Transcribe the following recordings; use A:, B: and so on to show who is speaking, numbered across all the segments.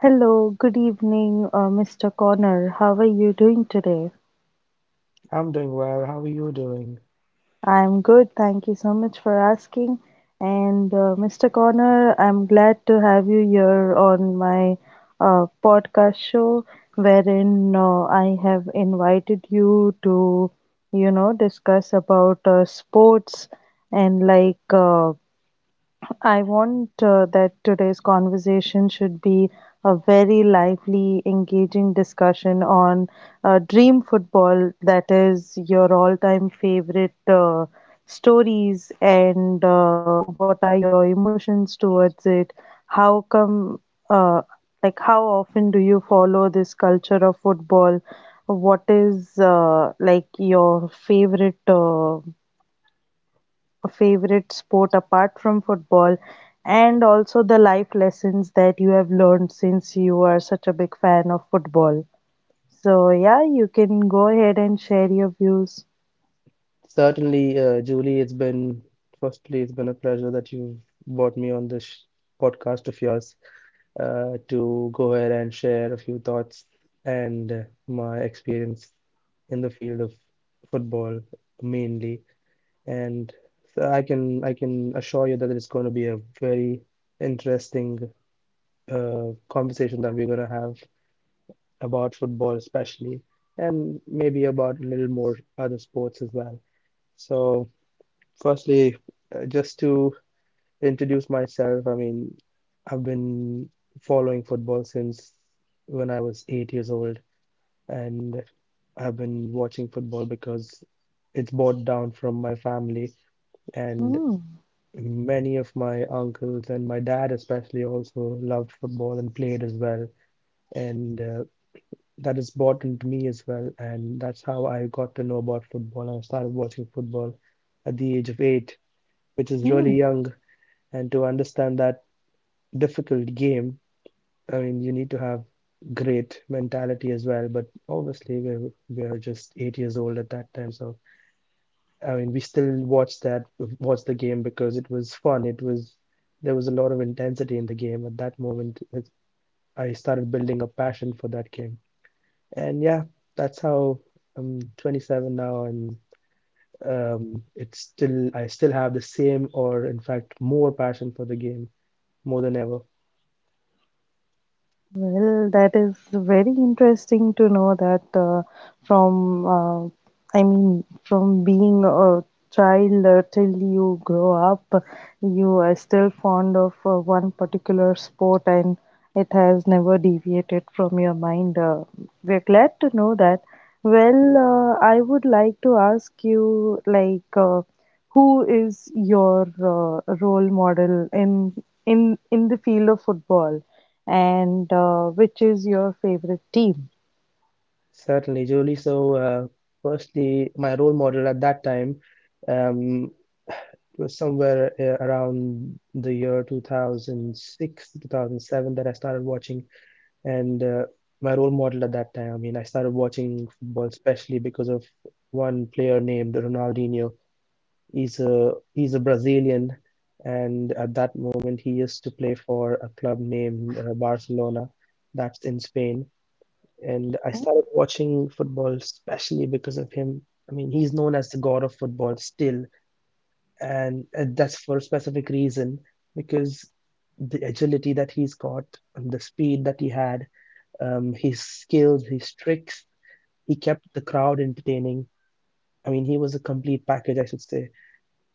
A: Hello, good evening, Mr. Connor. How are you doing today?
B: I'm doing well. How are you doing?
A: I'm good, thank you so much for asking. And Mr. Connor, I'm glad to have you here on my podcast show, wherein I have invited you to, discuss about sports and uh, I want that today's conversation should be a very lively, engaging discussion on dream football, that is your all time favorite stories, and what are your emotions towards it? How come, uh, like, how often do you follow this culture of football? What is like your favorite? Favorite sport apart from football and also the life lessons that you have learned since you are such a big fan of football. So, yeah, you can go ahead and share your views.
B: Certainly, Julie, firstly, it's been a pleasure that you've brought me on this podcast of yours to go ahead and share a few thoughts and my experience in the field of football mainly. And so I can assure you that it's going to be a very interesting conversation that we're going to have about football especially, and maybe about a little more other sports as well. So, firstly, just to introduce myself, I mean, I've been following football since when I was 8 years old, and I've been watching football because it's brought down from my family, and
A: Hmm.
B: many of my uncles and my dad especially also loved football and played as well. And that is bought into me as well. And that's how I got to know about football. I started watching football at the age of 8, which is
A: Hmm.
B: really young. And to understand that difficult game, I mean, you need to have great mentality as well. But obviously, we were just 8 years old at that time. So, I mean, we still watched that, watched the game because it was fun. There was a lot of intensity in the game at that moment. I started building a passion for that game. And yeah, that's how I'm 27 now, and it's still I still have the same, or in fact, more passion for the game more than ever.
A: Well, that is very interesting to know that from, uh, I mean, from being a child till you grow up, you are still fond of one particular sport and it has never deviated from your mind. We're glad to know that. Well, I would like to ask you, like, who is your role model in the field of football, and which is your favorite team?
B: Certainly, Julie. So, firstly, my role model at that time um, was somewhere around the year 2006, 2007 that I started watching, and my role model at that time. I mean, I started watching football especially because of one player named Ronaldinho. He's a Brazilian, and at that moment he used to play for a club named Barcelona, that's in Spain. And I started watching football especially because of him. I mean, he's known as the god of football still, and that's for a specific reason because the agility that he's got, and the speed that he had, his skills, his tricks, he kept the crowd entertaining. I mean, he was a complete package, I should say,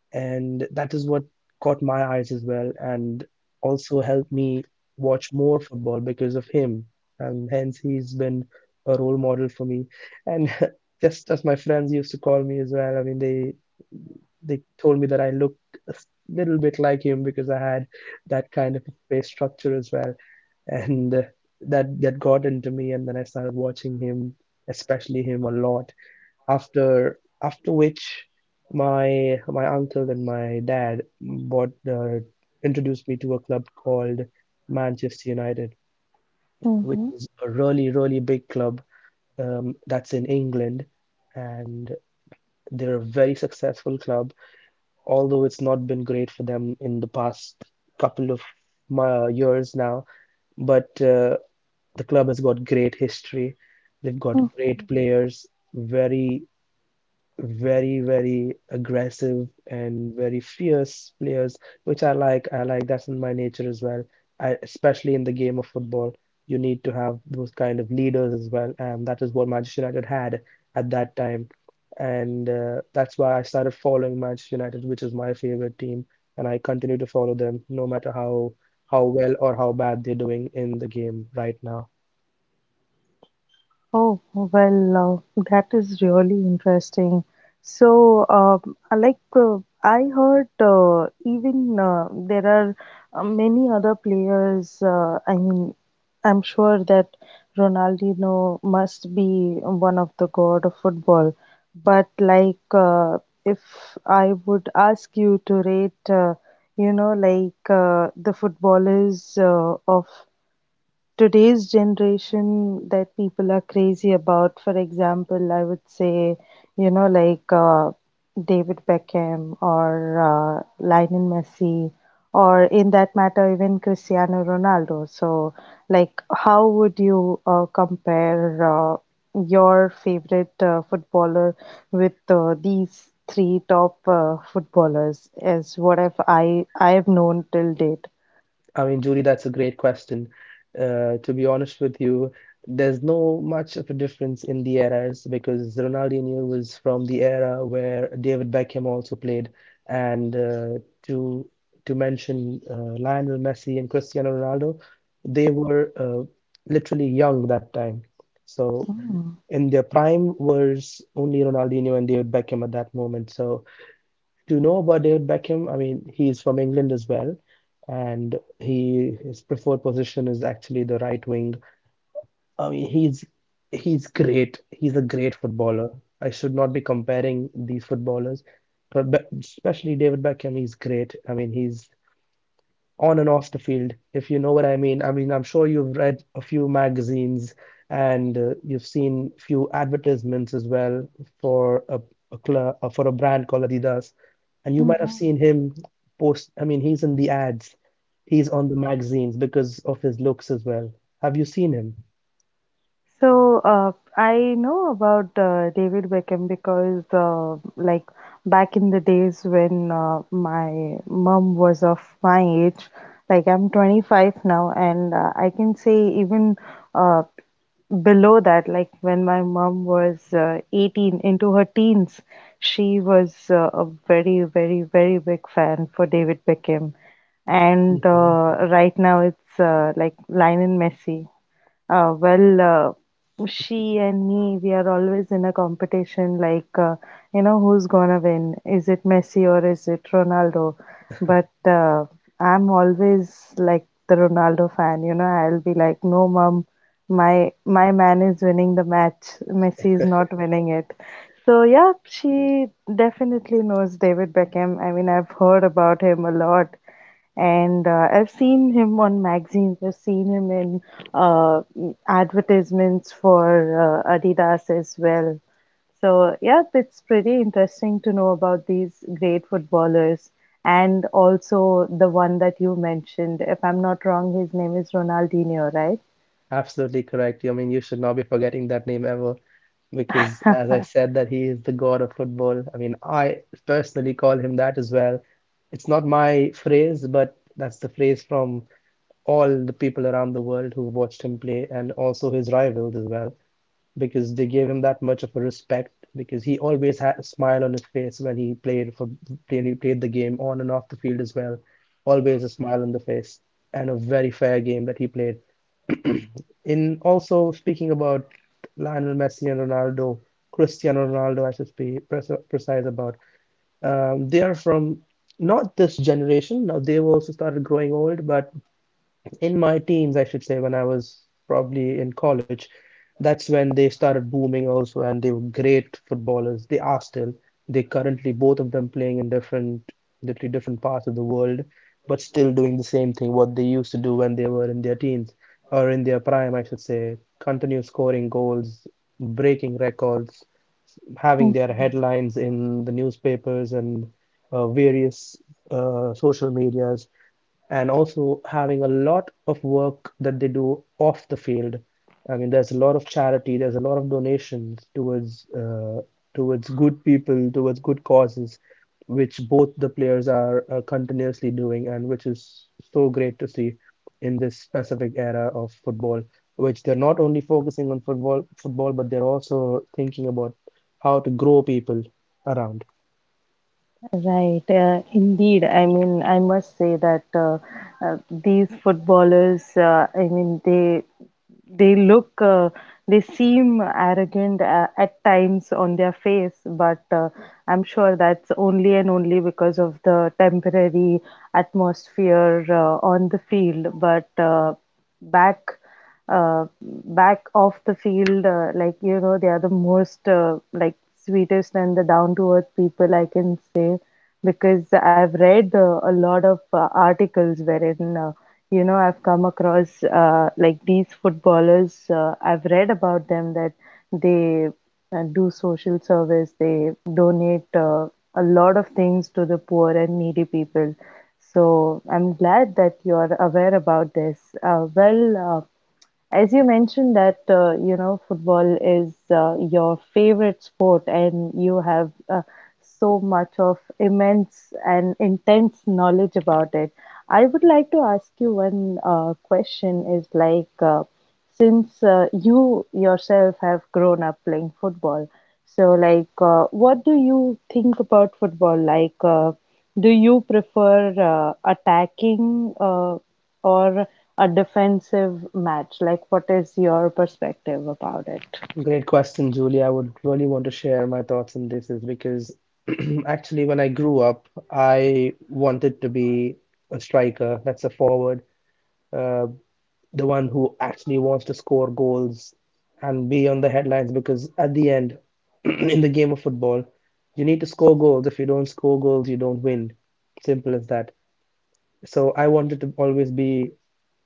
B: and that is what caught my eyes as well and also helped me watch more football because of him, and hence he's been a role model for me. And just as my friends used to call me as well, I mean, they told me that I looked little bit like him because I had that kind of a face structure as well. And that got into me and then I started watching him, especially him a lot, after which my uncle and my dad bought introduced me to a club called Manchester United, which
A: Mm-hmm.
B: is a really really big club, that's in England, and they're a very successful club. Although it's not been great for them in the past couple of my years now, but the club has got great history. They've got great players, very very, very aggressive and very fierce players, which I like. I like, that's in my nature as well. Especially in the game of football, you need to have those kind of leaders as well, and that is what Manchester United had at that time. And that's why I started following Manchester United, which is my favorite team, and I continue to follow them no matter how well or how bad they're doing in the game right now.
A: Oh, well, that is really interesting. So, like I heard, even there are many other players. I mean, I'm sure that Ronaldinho must be one of the god of football. But like, if I would ask you to rate, the footballers of today's generation that people are crazy about. For example, I would say, you know, like uh, David Beckham or Lionel Messi, or in that matter, even Cristiano Ronaldo. So, like, how would you compare your favorite footballer with these three top footballers, as what have I have known till date?
B: I mean, Julie, that's a great question. To be honest with you, there's no much of a difference in the eras because Ronaldinho was from the era where David Beckham also played, and to to mention Lionel Messi and Cristiano Ronaldo, they were literally young that time. So in their prime was only Ronaldinho and David Beckham at that moment. So to know about David Beckham, I mean, he's from England as well, and he his preferred position is actually the right wing. I mean, he's great. He's a great footballer. I should not be comparing these footballers, but especially David Beckham. He's great. I mean, he's on and off the field, if you know what I mean. I mean, I'm sure you've read a few magazines and you've seen few advertisements as well for for a brand called Adidas, and you might have seen him post. I mean, he's in the ads. He's on the magazines because of his looks as well. Have you seen him?
A: So, I know about David Beckham because, like, back in the days when my mom was of my age, like, I'm 25 now, and I can say even uh, below that, like, when my mom was 18, into her teens, she was a very, very, very big fan for David Beckham. And right now it's like Lionel Messi. She and me, we are always in a competition like, you know, who's gonna win? Is it Messi or is it Ronaldo? But I'm always like the Ronaldo fan, you know, I'll be like, no, mom, my man is winning the match. Messi is not winning it. So yeah, she definitely knows David Beckham. I mean, I've heard about him a lot. And I've seen him on magazines. I've seen him in uh, advertisements for Adidas as well. So, yeah, it's pretty interesting to know about these great footballers and also the one that you mentioned. If I'm not wrong, his name is Ronaldinho, right?
B: Absolutely correct. I mean, you should not be forgetting that name ever, because as I said, that he is the god of football. I mean, I personally call him that as well. It's not my phrase, but that's the phrase from all the people around the world who watched him play, and also his rivals as well, because they gave him that much of a respect. Because he always had a smile on his face when he played, he played the game on and off the field as well. Always a smile on the face, and a very fair game that he played. In also speaking about Lionel Messi and Ronaldo, Cristiano Ronaldo, I should be precise about. They are from not this generation. Now they've also started growing old, but in my teens, I should say, when I was probably in college, that's when they started booming also, and they were great footballers. They are still. They currently, both of them playing in different, literally different parts of the world, but still doing the same thing what they used to do when they were in their teens or in their prime, I should say. Continue scoring goals, breaking records, having their headlines in the newspapers and various social media, and also having a lot of work that they do off the field. I mean, there's a lot of charity, there's a lot of donations towards towards good people, towards good causes, which both the players are continuously doing, and which is so great to see in this specific era of football, which they're not only focusing on football football, but they're also thinking about how to grow people around.
A: Right, indeed. I mean, I must say that these footballers, I mean, they look, they seem arrogant at times on their face, but I'm sure that's only and only because of the temporary atmosphere on the field. But back back off the field like you know they are the most like sweetest and the down to earth people I can say because I've read a lot of articles wherein you know I've come across like these footballers, I've read about them that they do social service, they donate a lot of things to the poor and needy people. So I'm glad that you're aware about this. uh, well uh, as you mentioned that you know football is your favorite sport, and you have so much of immense and intense knowledge about it. I would like to ask you one question: is like since you yourself have grown up playing football, so like, what do you think about football? Like, do you prefer attacking or a defensive match? Like, what is your perspective about it?
B: Great question, Julie. I would really want to share my thoughts on this is because actually when I grew up, I wanted to be a striker. That's a forward, uh, the one who actually wants to score goals and be on the headlines because at the end, in the game of football, you need to score goals. If you don't score goals, you don't win. Simple as that. So I wanted to always be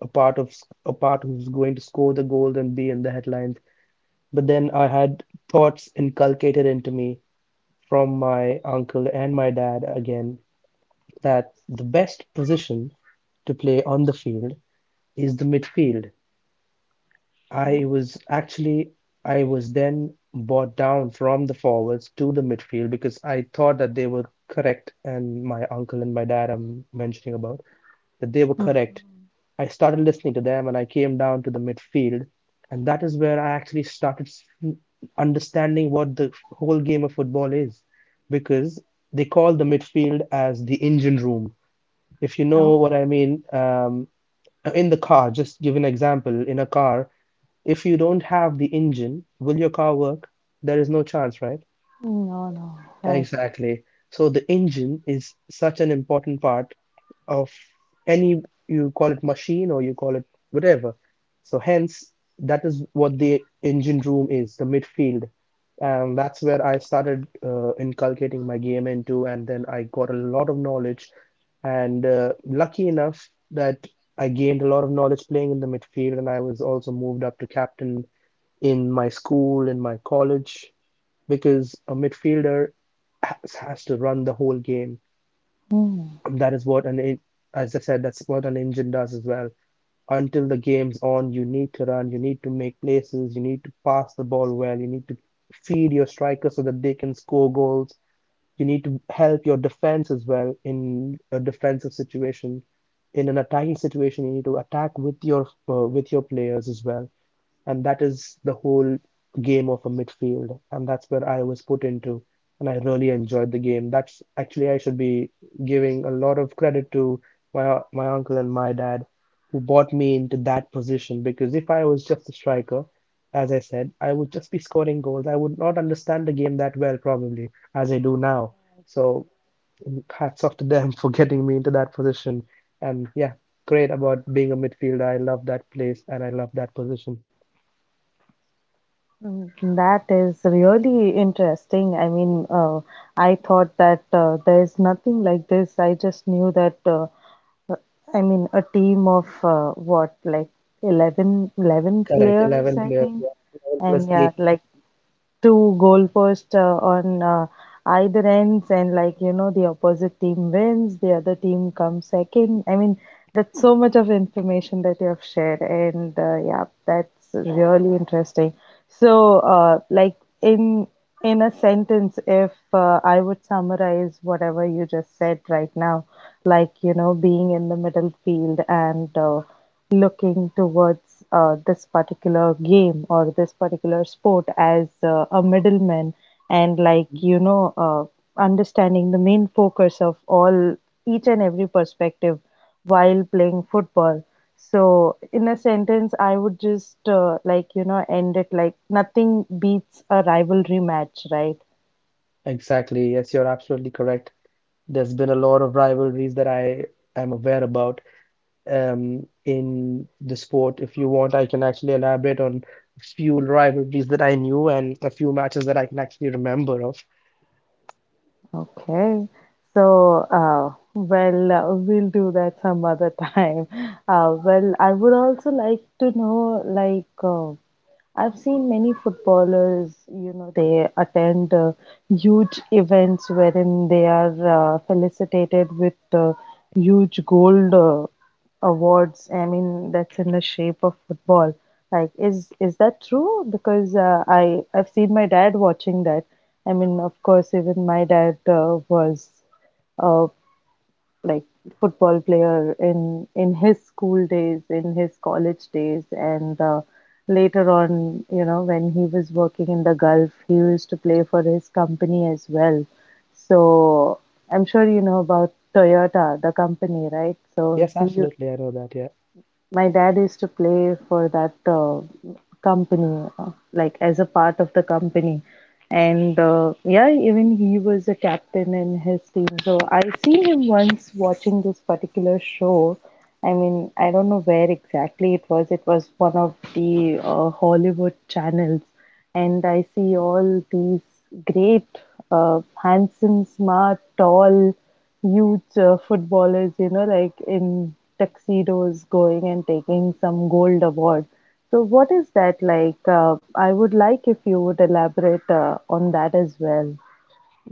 B: a part of a part who's going to score the goals and be in the headlines. But then I had thoughts inculcated into me from my uncle and my dad again that the best position to play on the field is the midfield. I was actually, I was then brought down from the forwards to the midfield because I thought that they were correct, and my uncle and my dad I'm mentioning about that they were
A: Mm.
B: correct. I started listening to them and I came down to the midfield. And that is where I actually started understanding what the whole game of football is because they call the midfield as the engine room. If you know
A: Oh,
B: what I mean, in the car, just give an example in a car, if you don't have the engine, will your car work? There is no chance, right?
A: no, no.
B: Exactly. So the engine is such an important part of any, you call it machine or you call it whatever, so hence, that is what the engine room is, the midfield. And that's where I started inculcating my game into, and then I got a lot of knowledge. And lucky enough that I gained a lot of knowledge playing in the midfield, and I was also moved up to captain in my school, in my college, because a midfielder has to run the whole game.
A: Right.
B: That is what an As I said, that's what an engine does as well. Until the game's on, you need to run, you need to make places, you need to pass the ball well, you need to feed your strikers so that they can score goals. You need to help your defense as well in a defensive situation. In an attacking situation, you need to attack with your players as well. And that is the whole game of a midfield. And that's where I was put into. And I really enjoyed the game. That's actually, I should be giving a lot of credit to my uncle and my dad who brought me into that position. Because if I was just a striker, as I said, I would just be scoring goals. I would not understand the game that well, probably, as I do now. So hats off to them for getting me into that position. And yeah, great about being a midfielder. I love that place and I love that position.
A: Mm. That is really interesting. I mean, I thought that there's nothing like this. I just knew that, uh, I mean, a team of what, like eleven
B: Correct,
A: players,
B: 11
A: I
B: players,
A: think.
B: yeah. 11 plus
A: And yeah,
B: 8.
A: like two goalposts on either ends, and like you know, the opposite team wins, the other team comes second. I mean, that's so much of information that you have shared, and yeah, that's Yeah, really interesting. So, like in in a sentence, if I would summarize whatever you just said right now, like you know, being in the middle field and looking towards this particular game or this particular sport as a middleman and like you know understanding the main focus of all each and every perspective while playing football. So in a sentence I would just like you know end it like nothing beats a rivalry match, right?
B: Exactly, yes, you're absolutely correct. There's been a lot of rivalries that I am aware about in the sport. If you want, I can actually elaborate on a few rivalries that I knew and a few matches that I can actually remember of.
A: Okay. So, we'll do that some other time. Well, I would also like to know, like, I've seen many footballers, you know, they attend huge events wherein they are felicitated with huge gold awards. I mean, that's in the shape of football. Like, is that true? Because I've seen my dad watching that. I mean, of course, even my dad was uh, like football player in his school days, in his college days, and later on, you know, when he was working in the Gulf, he used to play for his company as well. So I'm sure you know about Toyota, the company, right? So
B: Yes,
A: he
B: absolutely, I know that, yeah.
A: my dad used to play for that company, like as a part of the company. And yeah, even he was a captain in his team. So I seen him once watching this particular show. I mean, I don't know where exactly it was. It was one of the Hollywood channels, and I see all these great, handsome, smart, tall, huge footballers, you know, like in tuxedos going and taking some gold award. So, what is that like? I would like if you would elaborate on that as well.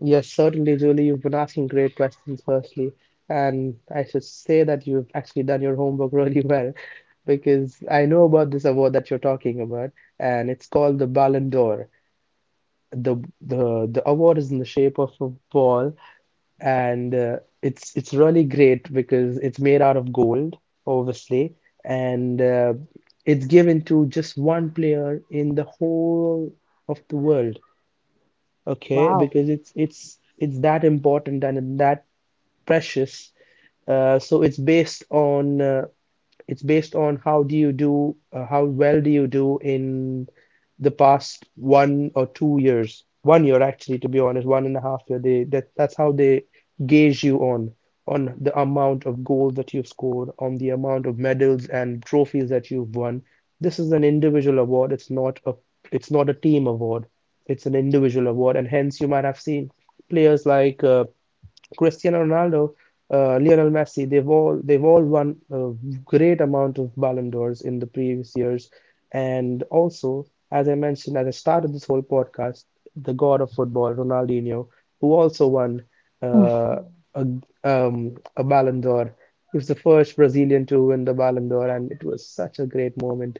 B: Yes, certainly, Julie, you've been asking great questions, firstly, and I should say that you've actually done your homework really well, because I know about this award that you're talking about, and it's called the Ballon d'Or. The award is in the shape of a ball, and it's really great because it's made out of gold, obviously, and it's given to just one player in the whole of the world. Okay,
A: Wow.
B: because it's that important and that precious. So it's based on It's based on how do you do, how well do you do in the past 1 or 2 years, 1 year actually, to be honest, one and a half year. They that that's how they gauge you on the amount of goals that you've scored, on the amount of medals and trophies that you've won. This is an individual award. It's not a team award. It's an individual award, and hence you might have seen players like Cristiano Ronaldo, Lionel Messi, they've all won a great amount of Ballon d'Ors in the previous years, and also as I mentioned at the start of this whole podcast, the god of football, Ronaldinho, who also won uh, a a Ballon d'Or. He was the first Brazilian to win the Ballon d'Or, and it was such a great moment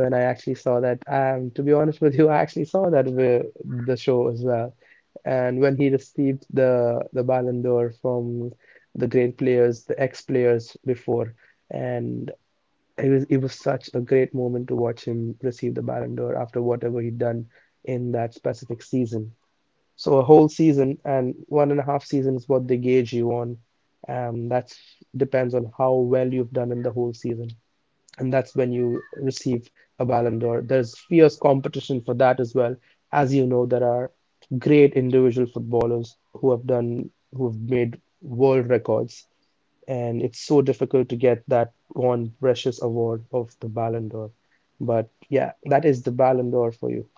B: when I actually saw that. To be honest with you, I actually saw that with the show as well. And when he received the Ballon d'Or from the great players, the ex-players before, and it was such a great moment to watch him receive the Ballon d'Or after whatever he'd done in that specific season. So a whole season and one and a half seasons what they gauge you on. That depends on how well you've done in the whole season, and that's when you receive a Ballon d'Or. There's fierce competition for that as well. As you know, there are great individual footballers who have done who've made world records and it's so difficult to get that one precious award of the Ballon d'Or. But yeah, that is the Ballon d'Or for you.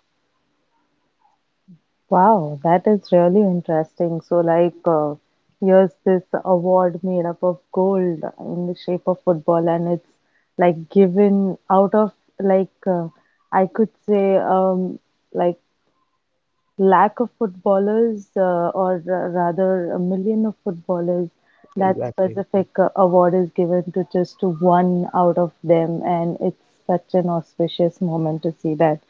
A: Wow, that is really interesting. So, like, here's this award made up of gold in the shape of football, and it's like given out of like uh, I could say like lack of footballers, or rather a million of footballers. That
B: Exactly.
A: specific award is given to just one out of them, and it's such an auspicious moment to see that.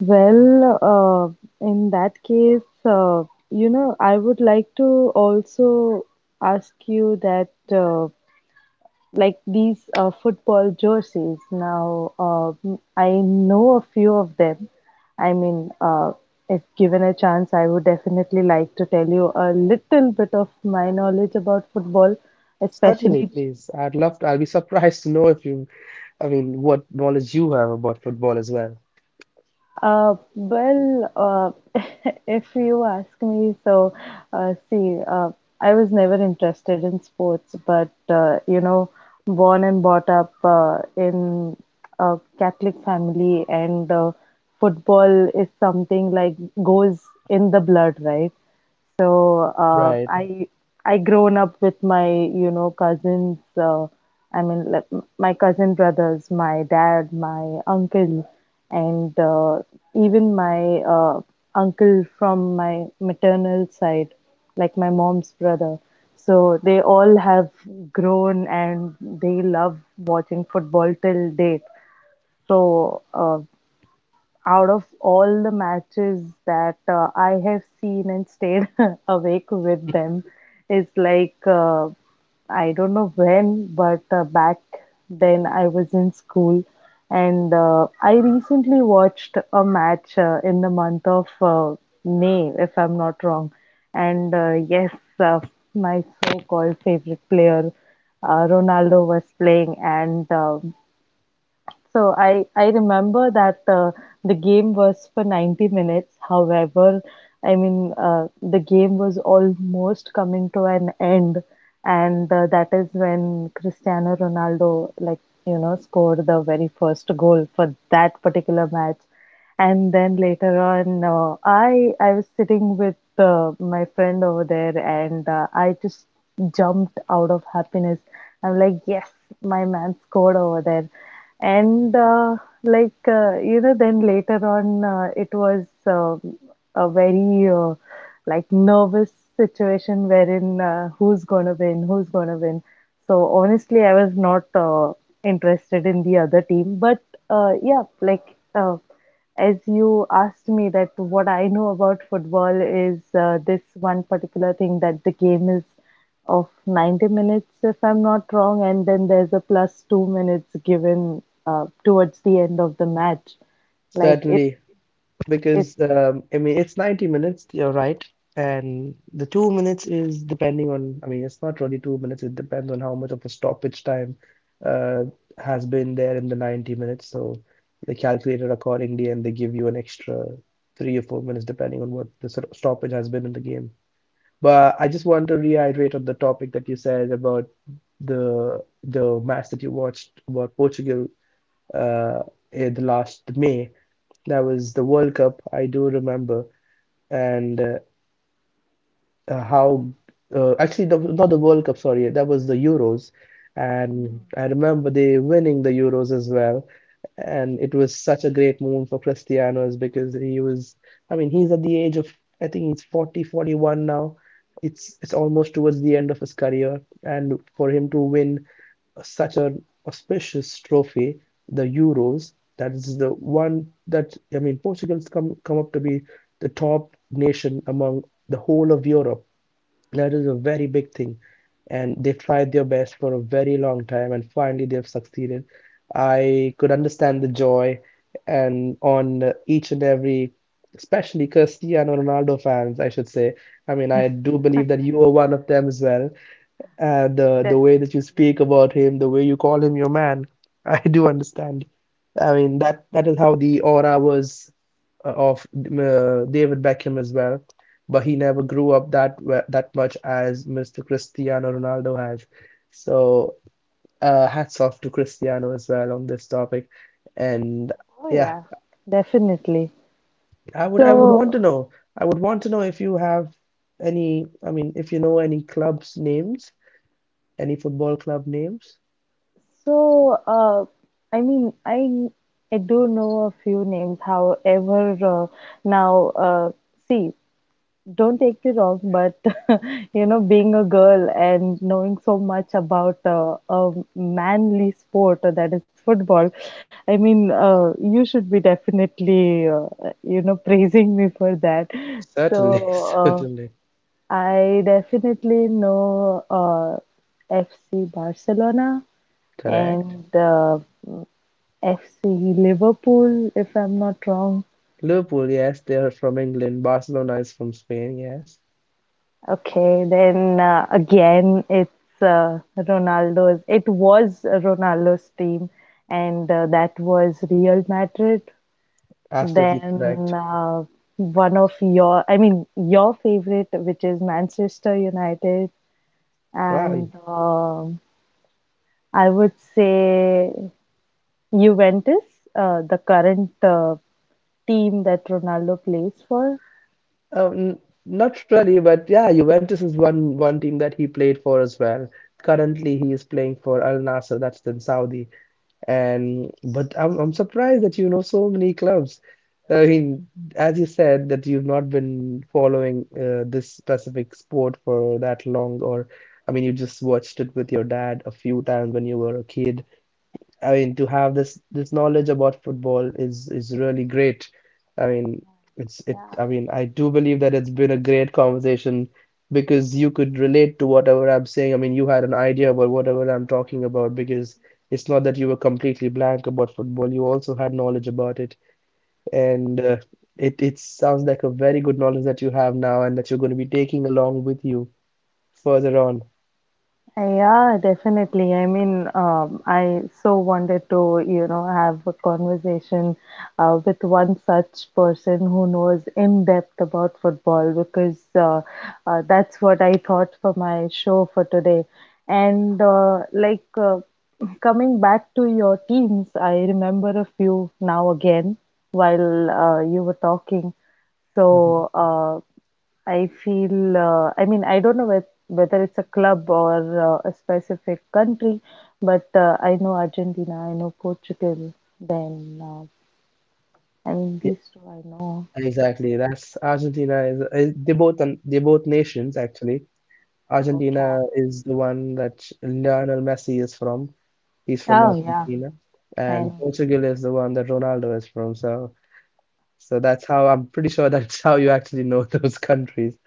A: Well, in that case, you know, I would like to also ask you that, like these football jerseys. Now, I know a few of them. I mean, if given a chance, I would definitely like to tell you a little bit of my knowledge about football,
B: Certainly,
A: especially
B: please. I'd love to. I'll be surprised to know if you, I mean, what knowledge you have about football as well.
A: Uh, well, uh, if you ask me, so uh, see, uh, I was never interested in sports, but you know, born and brought up in a Catholic family, and football is something like goes in the blood, right? So uh,
B: Right.
A: I I grown up with my you know cousins. I mean like my cousin brothers, my dad, my uncle, and even my uncle from my maternal side, like my mom's brother. So they all have grown and they love watching football till date. So out of all the matches that I have seen and stayed awake with them is like I don't know when, but back then I was in school, and I recently watched a match in the month of May, if I'm not wrong. And uh, my so-called favorite player, Ronaldo, was playing, and so I remember that the game was for 90 minutes. However, I mean, the game was almost coming to an end. And that is when Cristiano Ronaldo, like, you know, scored the very first goal for that particular match. And then later on, I was sitting with my friend over there, and I just jumped out of happiness. I'm like, yes, my man scored over there. And you know, then later on, it was a very like nervous situation wherein who's gonna win, who's gonna win. So honestly, I was not interested in the other team, but yeah, uh, as you asked me that what I know about football is this one particular thing that the game is of 90 minutes, if I'm not wrong, and then there's a plus 2 minutes given towards the end of the match. Like it,
B: Certainly,
A: it
B: because I mean, it's 90 minutes, you're right. And the 2 minutes is depending on, I mean, it's not really 2 minutes, it depends on how much of a stoppage time uh, has been there in the 90 minutes. So they calculate it accordingly and they give you an extra 3 or 4 minutes depending on what the sort of stoppage has been in the game. But I just want to reiterate on the topic that you said about the match that you watched about Portugal uh, in the last May. That was the World Cup. I do remember, and how actually the, not the World Cup, sorry, that was the Euros, and I remember they winning the Euros as well, and it was such a great moment for Cristiano is because he was, I mean, he's at the age of I think he's 40, 41 now. It's almost towards the end of his career, and for him to win such an auspicious trophy, the Euros, that is the one that I mean, Portugal's come up to be the top nation among the whole of Europe, that is a very big thing. And they've tried their best for a very long time and finally they've succeeded. I could understand the joy and on each and every, especially Cristiano Ronaldo fans, I should say. I mean, I do believe that you are one of them as well, and the way that
A: definitely.
B: you speak about him, the way you call him your man, I do understand. I mean that is how the aura was of David Beckham as well, but he never grew up that much as Mr. Cristiano Ronaldo has. So hats off to Cristiano as well on this topic, and
A: Oh
B: yeah,
A: yeah, definitely.
B: I would want to
A: So,
B: know. I would want to know if you have any. I mean, if you know any clubs names, any football club names.
A: so uh, I mean, I do know a few names. However, now see, don't take me wrong, but you know, being a girl and knowing so much about a manly sport that is football, I mean, you should be definitely, you know, praising me for that.
B: Certainly,
A: So,
B: certainly.
A: uh, I definitely know FC Barcelona
B: Correct.
A: and FC Liverpool, if I'm not wrong.
B: Liverpool, yes, they are from England. Barcelona is from Spain, yes.
A: Okay, then again, it's Ronaldo's. It was Ronaldo's team, and that was Real Madrid.
B: Absolutely correct.
A: Then One of your, I mean, your favorite, which is Manchester United,
B: Wow.
A: and I would say Juventus, the current team that Ronaldo plays for.
B: Oh, n not really, but yeah, Juventus is one team that he played for as well. Currently, he is playing for Al Nassr, that's in Saudi. And but I'm surprised that you know so many clubs. I mean, as you said that you've not been following this specific sport for that long, or I mean, you just watched it with your dad a few times when you were a kid. I mean, to have this knowledge about football is really great. I mean,
A: Yeah.
B: I do believe that it's been a great conversation because you could relate to whatever I'm saying. I mean, you had an idea about whatever I'm talking about because it's not that you were completely blank about football. You also had knowledge about it, and it sounds like a very good knowledge that you have now and that you're going to be taking along with you further on.
A: Yeah, definitely. I mean, I so wanted to, you know, have a conversation with one such person who knows in depth about football because that's what I thought for my show for today. And coming back to your teams, I remember a few now again while you were talking.
B: Mhm.
A: So, I feel, I mean, I don't know whether it's a club or a specific country, but I know Argentina, I know Portugal, then, uh, I mean,
B: Yeah,
A: these two I know.
B: exactly. That's Argentina is, they both nations actually.
A: Okay.
B: Argentina is the one that Lionel Messi is from. He's from
A: Oh, yeah,
B: Argentina,
A: I
B: and
A: know.
B: Portugal is the one that Ronaldo is from. So, that's how I'm pretty sure that's how you actually know those countries.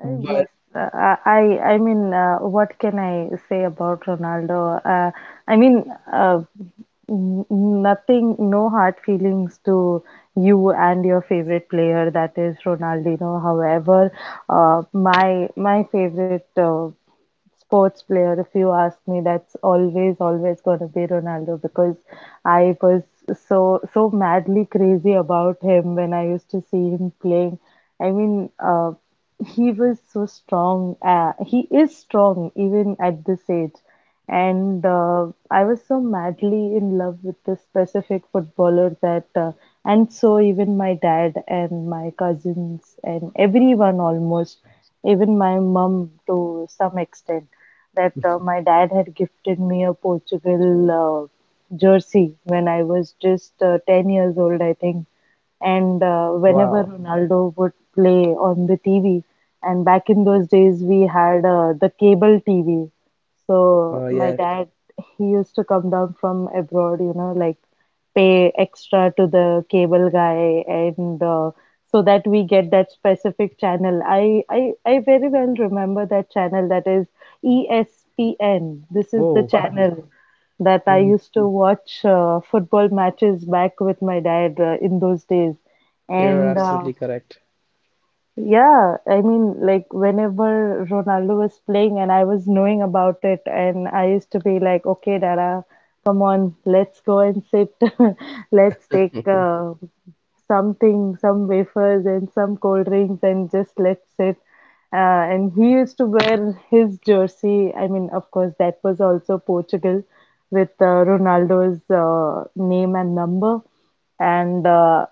A: Uh,
B: But
A: Yes, I mean, what can I say about Ronaldo? I mean, uh, Nothing, no hard feelings to you and your favorite player, that is Ronaldinho. However, my favorite sports player, if you ask me, that's always going to be Ronaldo because I was so madly crazy about him when I used to see him playing. I mean, he was so strong. He is strong even at this age. And I was so madly in love with this specific footballer that, and so even my dad and my cousins and everyone almost, even my mum to some extent, that my dad had gifted me a Portugal jersey when I was just 10 years old, I think, and whenever
B: wow,
A: Ronaldo would play on the TV, and back in those days we had the cable TV.
B: oh
A: So my
B: yes,
A: dad, he used to come down from abroad, you know, like pay extra to the cable guy and so that we get that specific channel. I very well remember that channel, that is ESPN. This is the
B: oh wow,
A: channel that I
B: mm,
A: used to watch football matches back with my dad in those days.
B: you're
A: And
B: absolutely correct.
A: yeah, I mean, like whenever Ronaldo was playing and I was knowing about it, and I used to be like, okay, Dada, come on, let's go and sit. Let's take something, some wafers and some cold drinks, and just let's sit. And he used to wear his jersey. I mean, of course, that was also Portugal with Ronaldo's name and number. And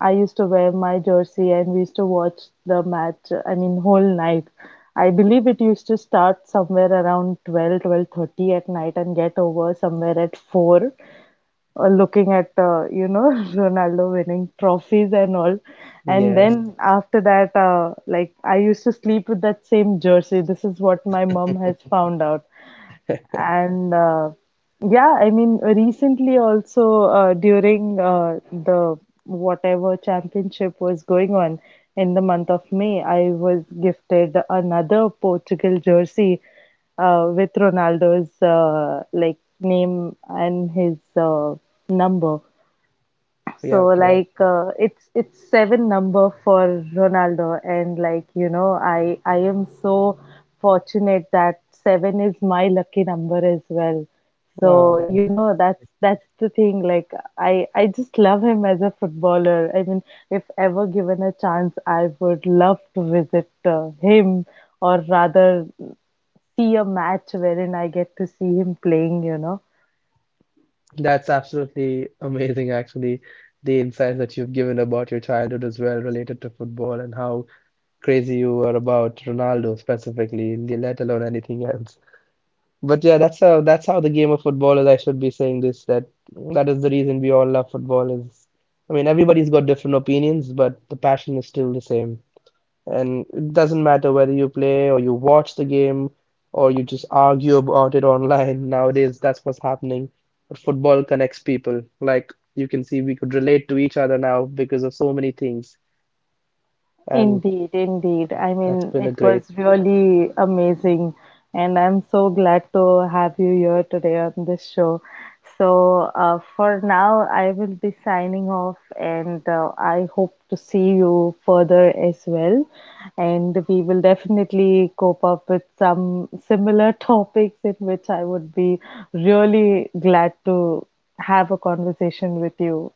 A: I used to wear my jersey and we used to watch the match, I mean, whole night. I believe it used to start somewhere around 12, 12:30 at night and get over somewhere at 4, looking at, you know, Ronaldo winning trophies and all. And
B: Yes,
A: then after that, like, I used to sleep with that same jersey. This is what my mom has found out. And yeah, I mean, recently also during the whatever championship was going on in the month of May, I was gifted another Portugal jersey with Ronaldo's like name and his number.
B: yeah,
A: So
B: okay,
A: it's 7 number for Ronaldo and like you know I am so fortunate that 7 is my lucky number as well.
B: wow, that,
A: So you know that's the thing, like I just love him as a footballer. I mean, if ever given a chance I would love to visit him, or rather see a match wherein I get to see him playing, you know.
B: that's absolutely amazing. Actually, the insights that you've given about your childhood as well, related to football and how crazy you were about Ronaldo specifically, let alone anything else. But yeah, that's how the game of football is. I should be saying this that that is the reason we all love football. Is I mean everybody's got different opinions, but the passion is still the same. And it doesn't matter whether you play or you watch the game or you just argue about it online. Nowadays, that's what's happening. But football connects people. Like you can see, we could relate to each other now because of so many things, and
A: Indeed, indeed. I
B: that's
A: mean,
B: been a
A: it
B: great.
A: was really amazing, and I'm so glad to have you here today on this show. So, for now, I will be signing off, and I hope to see you further as well. And we will definitely cope up with some similar topics in which I would be really glad to have a conversation with you.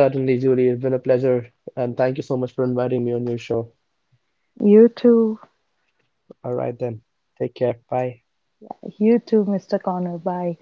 B: Certainly, Julie. It's been a pleasure. And thank you so much for inviting me on your show.
A: You too.
B: All right, then. Take care. Bye.
A: You too, Mr. Connor. Bye.